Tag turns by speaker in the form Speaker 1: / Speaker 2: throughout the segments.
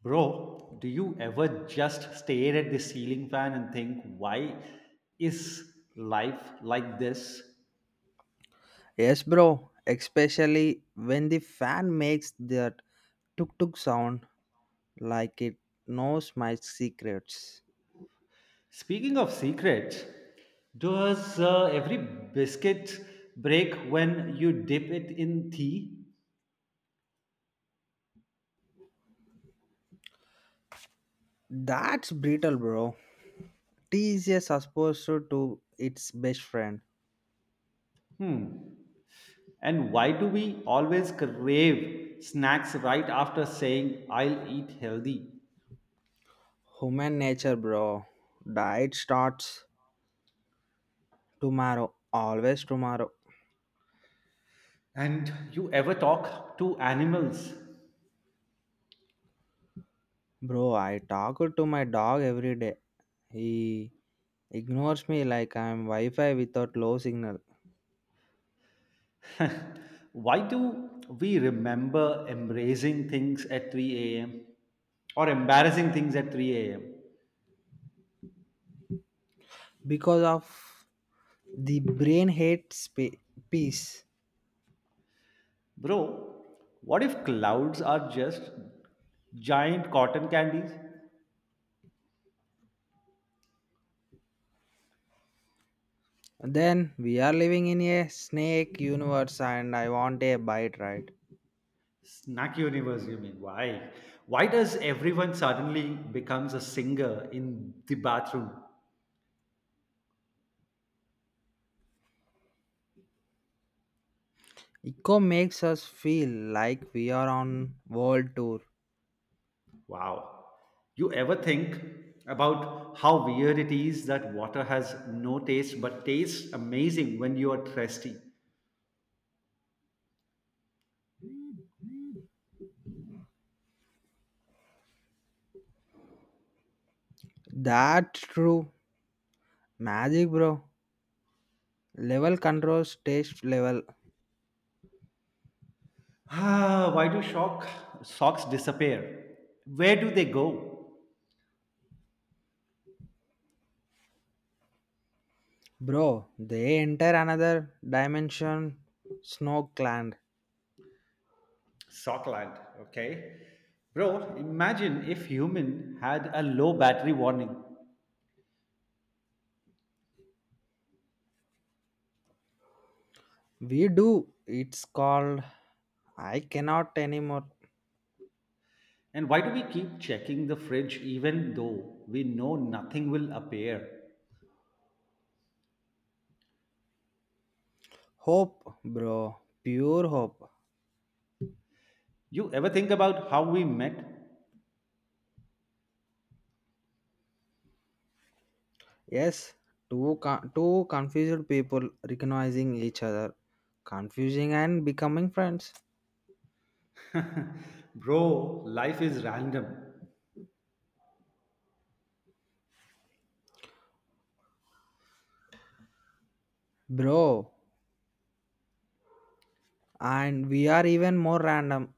Speaker 1: Bro, do you ever just stare at the ceiling fan and think, why is life like this?
Speaker 2: Yes, bro, especially when the fan makes that tuk tuk sound like it knows my secrets.
Speaker 1: Speaking of secrets, does every biscuit break when you dip it in tea?
Speaker 2: That's brutal, bro. Tea is a successor to its best friend.
Speaker 1: Hmm. And why do we always crave snacks right after saying, I'll eat healthy?
Speaker 2: Human nature, bro. Diet starts tomorrow, always tomorrow.
Speaker 1: And you ever talk to animals?
Speaker 2: Bro, I talk to my dog every day. He ignores me like I'm Wi Fi without low signal.
Speaker 1: Why do we remember embracing things at 3 a.m. or embarrassing things at 3 a.m.?
Speaker 2: Because of the brain hates peace.
Speaker 1: Bro, what if clouds are just giant cotton candies?
Speaker 2: Then we are living in a snake universe and I want a bite right.
Speaker 1: Snack universe, you mean? Why? Why does everyone suddenly becomes a singer in the bathroom?
Speaker 2: Eco makes us feel like we are on world tour.
Speaker 1: Wow. You ever think about how weird it is that water has no taste but tastes amazing when you are thirsty?
Speaker 2: That's true magic, bro, level controls taste level.
Speaker 1: Ah, why do shock socks disappear? Where do they go?
Speaker 2: Bro, they enter another dimension, snow clan.
Speaker 1: Sockland, okay. Bro, imagine if human had a low battery warning.
Speaker 2: We do, it's called I cannot anymore.
Speaker 1: And why do we keep checking the fridge even though we know nothing will appear?
Speaker 2: Hope, bro, pure hope.
Speaker 1: You ever think about how we met?
Speaker 2: Yes, two confused people recognizing each other, confusing and becoming friends,
Speaker 1: Bro, life is random.
Speaker 2: bro. And we are even more random.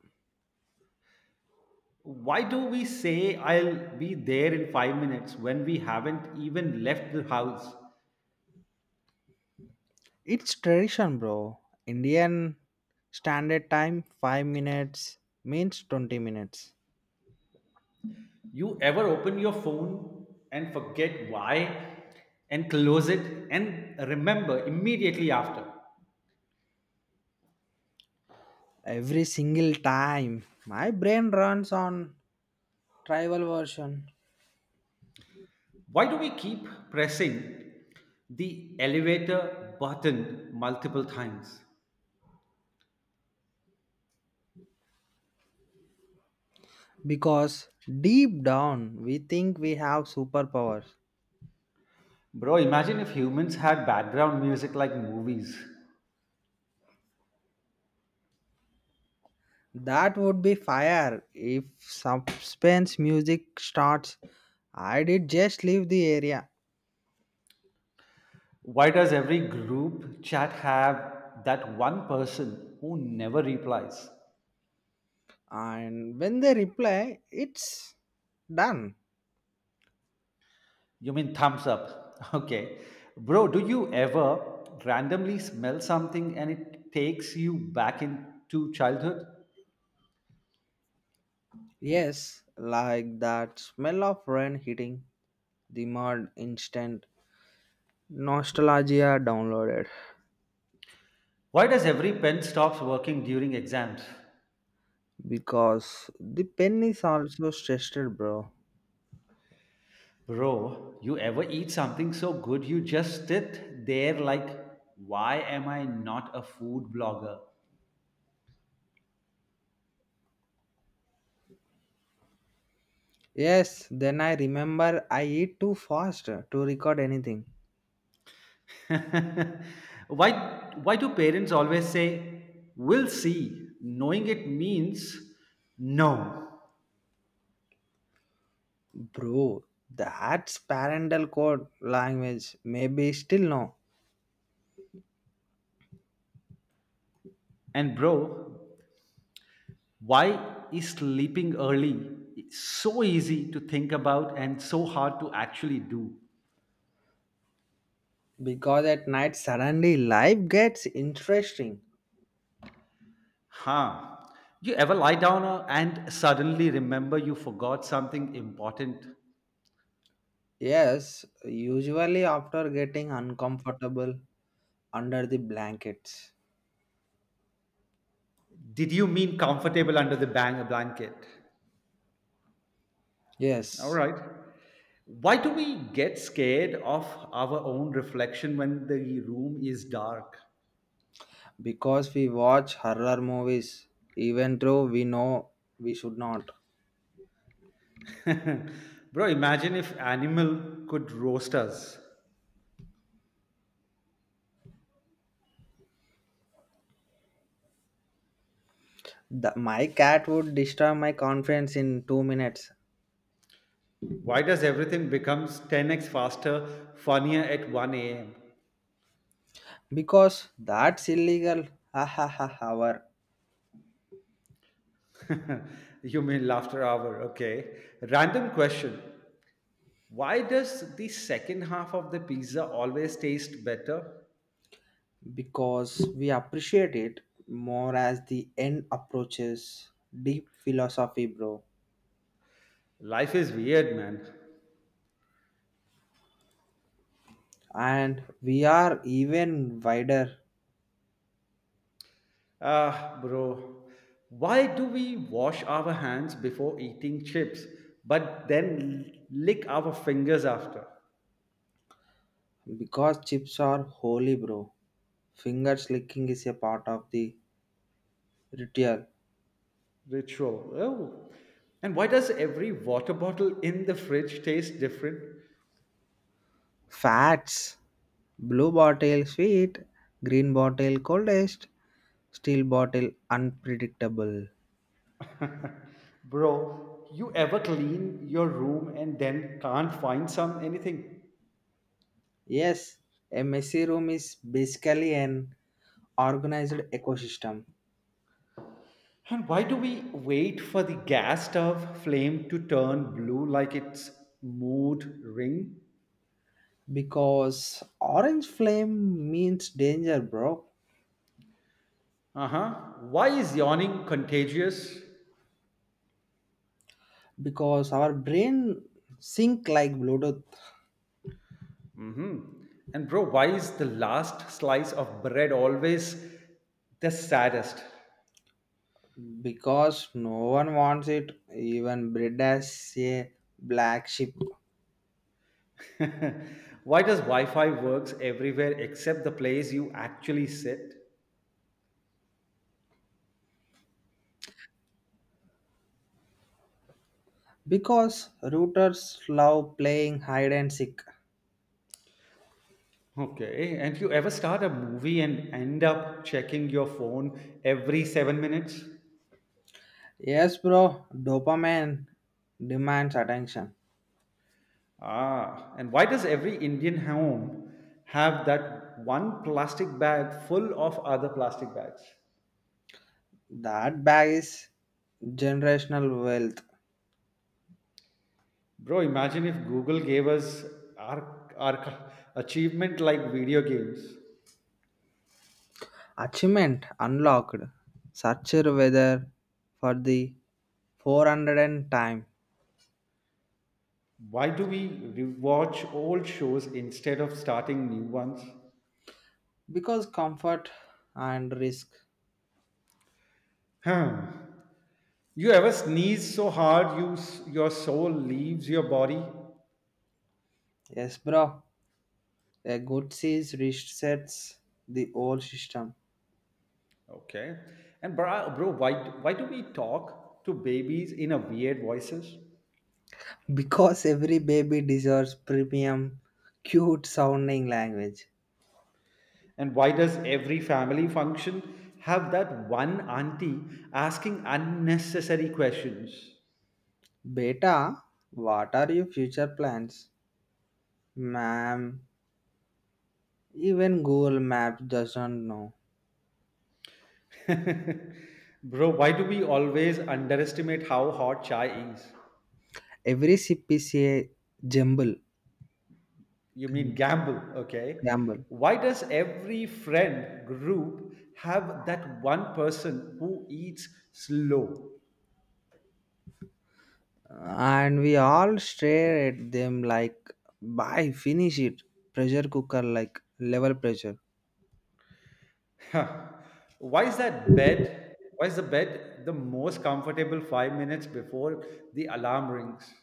Speaker 1: Why do we say I'll be there in 5 minutes when we haven't even left the house?
Speaker 2: It's tradition, bro. Indian standard time 5 minutes means 20 minutes.
Speaker 1: You ever open your phone and forget why and close it and remember immediately after?
Speaker 2: Every single time, my brain runs on tribal version.
Speaker 1: Why do we keep pressing the elevator button multiple times?
Speaker 2: Because deep down we think we have superpowers.
Speaker 1: Bro, imagine if humans had background music like movies.
Speaker 2: That would be fire if suspense music starts. I did just leave the area,
Speaker 1: Why does every group chat have that one person who never replies?
Speaker 2: and when they reply, it's done.
Speaker 1: You mean thumbs up. Okay. Bro, do you ever randomly smell something and it takes you back into childhood?
Speaker 2: Yes, like that smell of rain hitting the mud instant. Nostalgia downloaded.
Speaker 1: Why does every pen stops working during exams?
Speaker 2: Because the pen is also stressed, bro.
Speaker 1: Bro, you ever eat something so good you just sit there like, why am I not a food blogger?
Speaker 2: Yes, then I remember I eat too fast to record anything.
Speaker 1: why why do parents always say we'll see knowing it means no?
Speaker 2: Bro, that's parental code language. Maybe still no.
Speaker 1: And bro, why is sleeping early so easy to think about and so hard to actually do?
Speaker 2: Because at night suddenly life gets interesting.
Speaker 1: Huh. You ever lie down and suddenly remember you forgot something important?
Speaker 2: Yes, usually after getting uncomfortable under the blankets.
Speaker 1: Did you mean comfortable under the bang blanket? All
Speaker 2: Yes,
Speaker 1: right. Why do we get scared of our own reflection when the room is dark?
Speaker 2: because we watch horror movies, even though we know we should not.
Speaker 1: Bro, imagine if animal could roast us.
Speaker 2: My cat would destroy my confidence in 2 minutes.
Speaker 1: Why does everything becomes 10x faster, funnier at 1 a.m.?
Speaker 2: Because that's illegal. Ha ha ha. Hour.
Speaker 1: You mean laughter hour, okay. Random question. Why does the second half of the pizza always taste better?
Speaker 2: Because we appreciate it more as the end approaches. Deep philosophy, bro.
Speaker 1: Life is weird, man.
Speaker 2: And we are even wider.
Speaker 1: Ah, bro. Why do we wash our hands before eating chips, but then lick our fingers after?
Speaker 2: Because chips are holy, bro. Finger licking is a part of the ritual.
Speaker 1: Ritual. Oh. And why does every water bottle in the fridge taste different?
Speaker 2: Fats blue bottle sweet, green bottle coldest, steel bottle unpredictable.
Speaker 1: Bro, you ever clean your room and then can't find some anything?
Speaker 2: Yes, a messy room is basically an organized ecosystem.
Speaker 1: And why do we wait for the gas stove flame to turn blue like its mood ring?
Speaker 2: Because orange flame means danger, bro.
Speaker 1: Uh huh. Why is yawning contagious?
Speaker 2: Because our brain sync like bluetooth.
Speaker 1: Mm hmm. And bro, why is the last slice of bread always the saddest?
Speaker 2: Because no one wants it, even bred as a black sheep.
Speaker 1: Why does Wi Fi works everywhere except the place you actually sit?
Speaker 2: Because rooters love playing hide and seek.
Speaker 1: Okay, and you ever start a movie and end up checking your phone every 7 minutes?
Speaker 2: Yes, bro, dopamine demands attention.
Speaker 1: Ah, and why does every Indian home have that one plastic bag full of other plastic bags?
Speaker 2: That bag is generational wealth.
Speaker 1: Bro, imagine if Google gave us our achievement like video games.
Speaker 2: Achievement unlocked. Searcher weather for the 400th time.
Speaker 1: Why do we rewatch old shows instead of starting new ones?
Speaker 2: Because comfort and risk.
Speaker 1: Huh. You ever sneeze so hard you your soul leaves your body?
Speaker 2: Yes, bro. A good sees resets the whole system.
Speaker 1: Okay. And bro, why do we talk to babies in a weird voices?
Speaker 2: Because every baby deserves premium, cute sounding language.
Speaker 1: And why does every family function have that one auntie asking unnecessary questions?
Speaker 2: Beta, what are your future plans? Ma'am, even Google Maps doesn't know.
Speaker 1: Bro, why do we always underestimate how hot chai is?
Speaker 2: Every CPCA jumble,
Speaker 1: You mean gamble, okay?
Speaker 2: gamble.
Speaker 1: Why does every friend group have that one person who eats slow?
Speaker 2: And we all stare at them like bye, finish it, pressure cooker like level pressure.
Speaker 1: Huh. Why is that bed? Why is the bed the most comfortable 5 minutes before the alarm rings?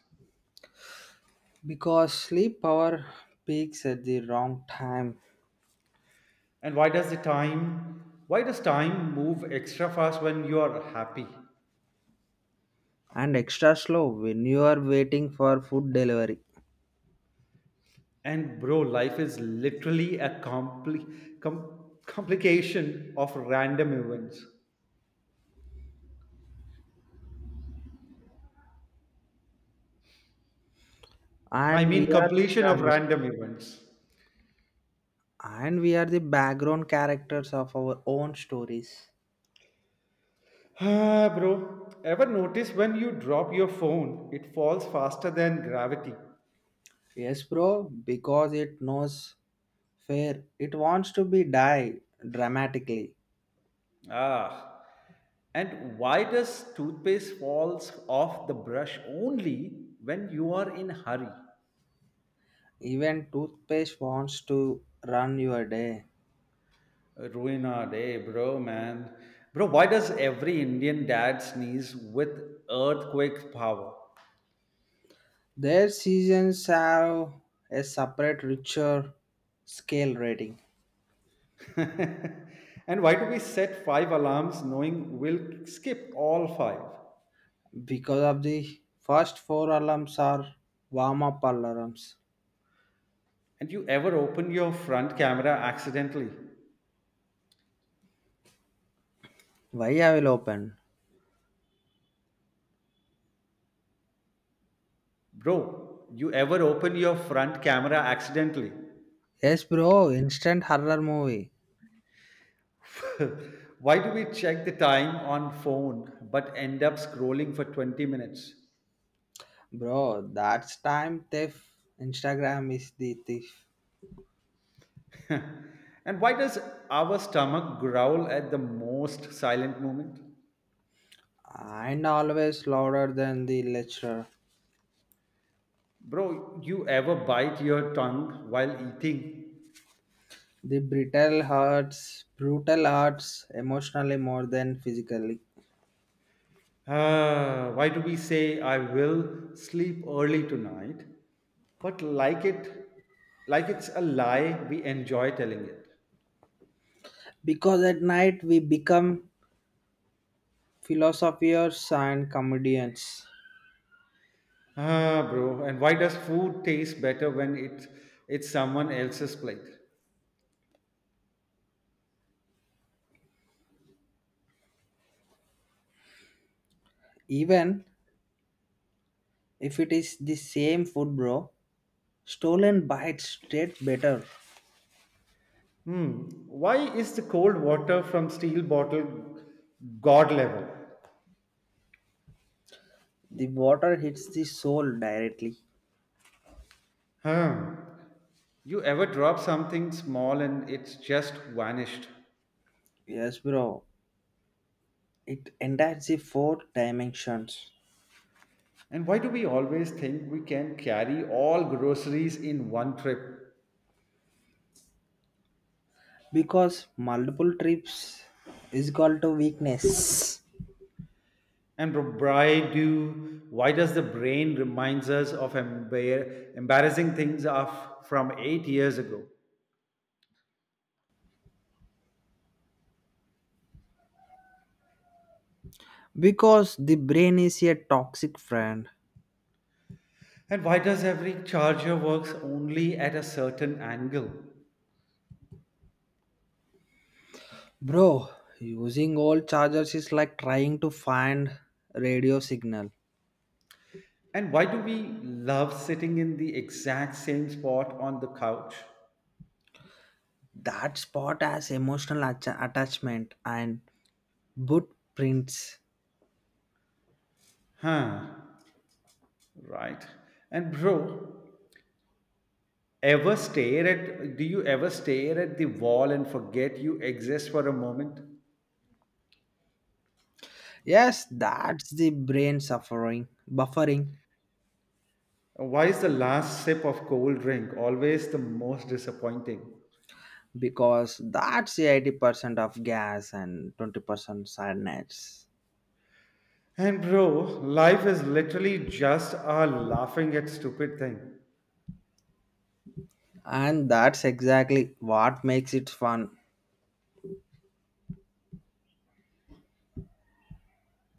Speaker 2: Because sleep power peaks at the wrong time.
Speaker 1: And why does time move extra fast when you are happy?
Speaker 2: And extra slow when you are waiting for food delivery.
Speaker 1: And bro, life is literally a complication of random events. I
Speaker 2: And we
Speaker 1: mean,
Speaker 2: are the
Speaker 1: completion of
Speaker 2: background,
Speaker 1: random events.
Speaker 2: and we are the background characters of our own stories.
Speaker 1: Ah, bro, ever notice when you drop your phone, it falls faster than gravity?
Speaker 2: Yes, bro, because it knows fair, it wants to be die dramatically.
Speaker 1: Ah, and why does toothpaste falls off the brush only when you are in hurry?
Speaker 2: Even toothpaste wants to run your day.
Speaker 1: Ruin our day, bro, man. Bro, why does every Indian dad sneeze with earthquake power?
Speaker 2: Their seasons have a separate richer scale rating.
Speaker 1: And why do we set five alarms knowing we'll skip all five?
Speaker 2: Because of the first 4 alarms are warm up alarms.
Speaker 1: And you ever open your front camera accidentally?
Speaker 2: Why I will open?
Speaker 1: Bro, you ever open your front camera accidentally?
Speaker 2: Yes, bro, instant horror movie.
Speaker 1: Why do we check the time on phone but end up scrolling for 20 minutes?
Speaker 2: Bro, that's time thief. Instagram is the thief.
Speaker 1: And why does our stomach growl at the most silent moment?
Speaker 2: And always louder than the lecturer.
Speaker 1: Bro, you ever bite your tongue while eating?
Speaker 2: The brutal hurts emotionally more than physically.
Speaker 1: Ah, why do we say I will sleep early tonight but like it's a lie we enjoy telling it?
Speaker 2: Because at night we become philosophers and comedians.
Speaker 1: Ah, bro, and why does food taste better when it's someone else's plate?
Speaker 2: Even if it is the same food, bro, stolen bites taste better.
Speaker 1: Hmm. Why is the cold water from steel bottle god level?
Speaker 2: The water hits the soul directly.
Speaker 1: Hmm. You ever drop something small and it's just vanished?
Speaker 2: Yes, bro, it enters the 4 dimensions.
Speaker 1: And why do we always think we can carry all groceries in one trip?
Speaker 2: Because multiple trips is called to weakness.
Speaker 1: And why does the brain reminds us of embarrassing things of from 8 years ago?
Speaker 2: Because the brain is a toxic friend.
Speaker 1: And why does every charger works only at a certain angle?
Speaker 2: Bro, using old chargers is like trying to find radio signal.
Speaker 1: And why do we love sitting in the exact same spot on the couch?
Speaker 2: That spot has emotional attachment and footprints.
Speaker 1: Huh, right. And bro, ever stare at do you ever stare at the wall and forget you exist for a moment?
Speaker 2: Yes, that's the brain suffering buffering.
Speaker 1: Why is the last sip of cold drink always the most disappointing?
Speaker 2: Because that's the 80% of gas and 20% sadness.
Speaker 1: And bro, life is literally just a laughing at stupid thing.
Speaker 2: And that's exactly what makes it fun.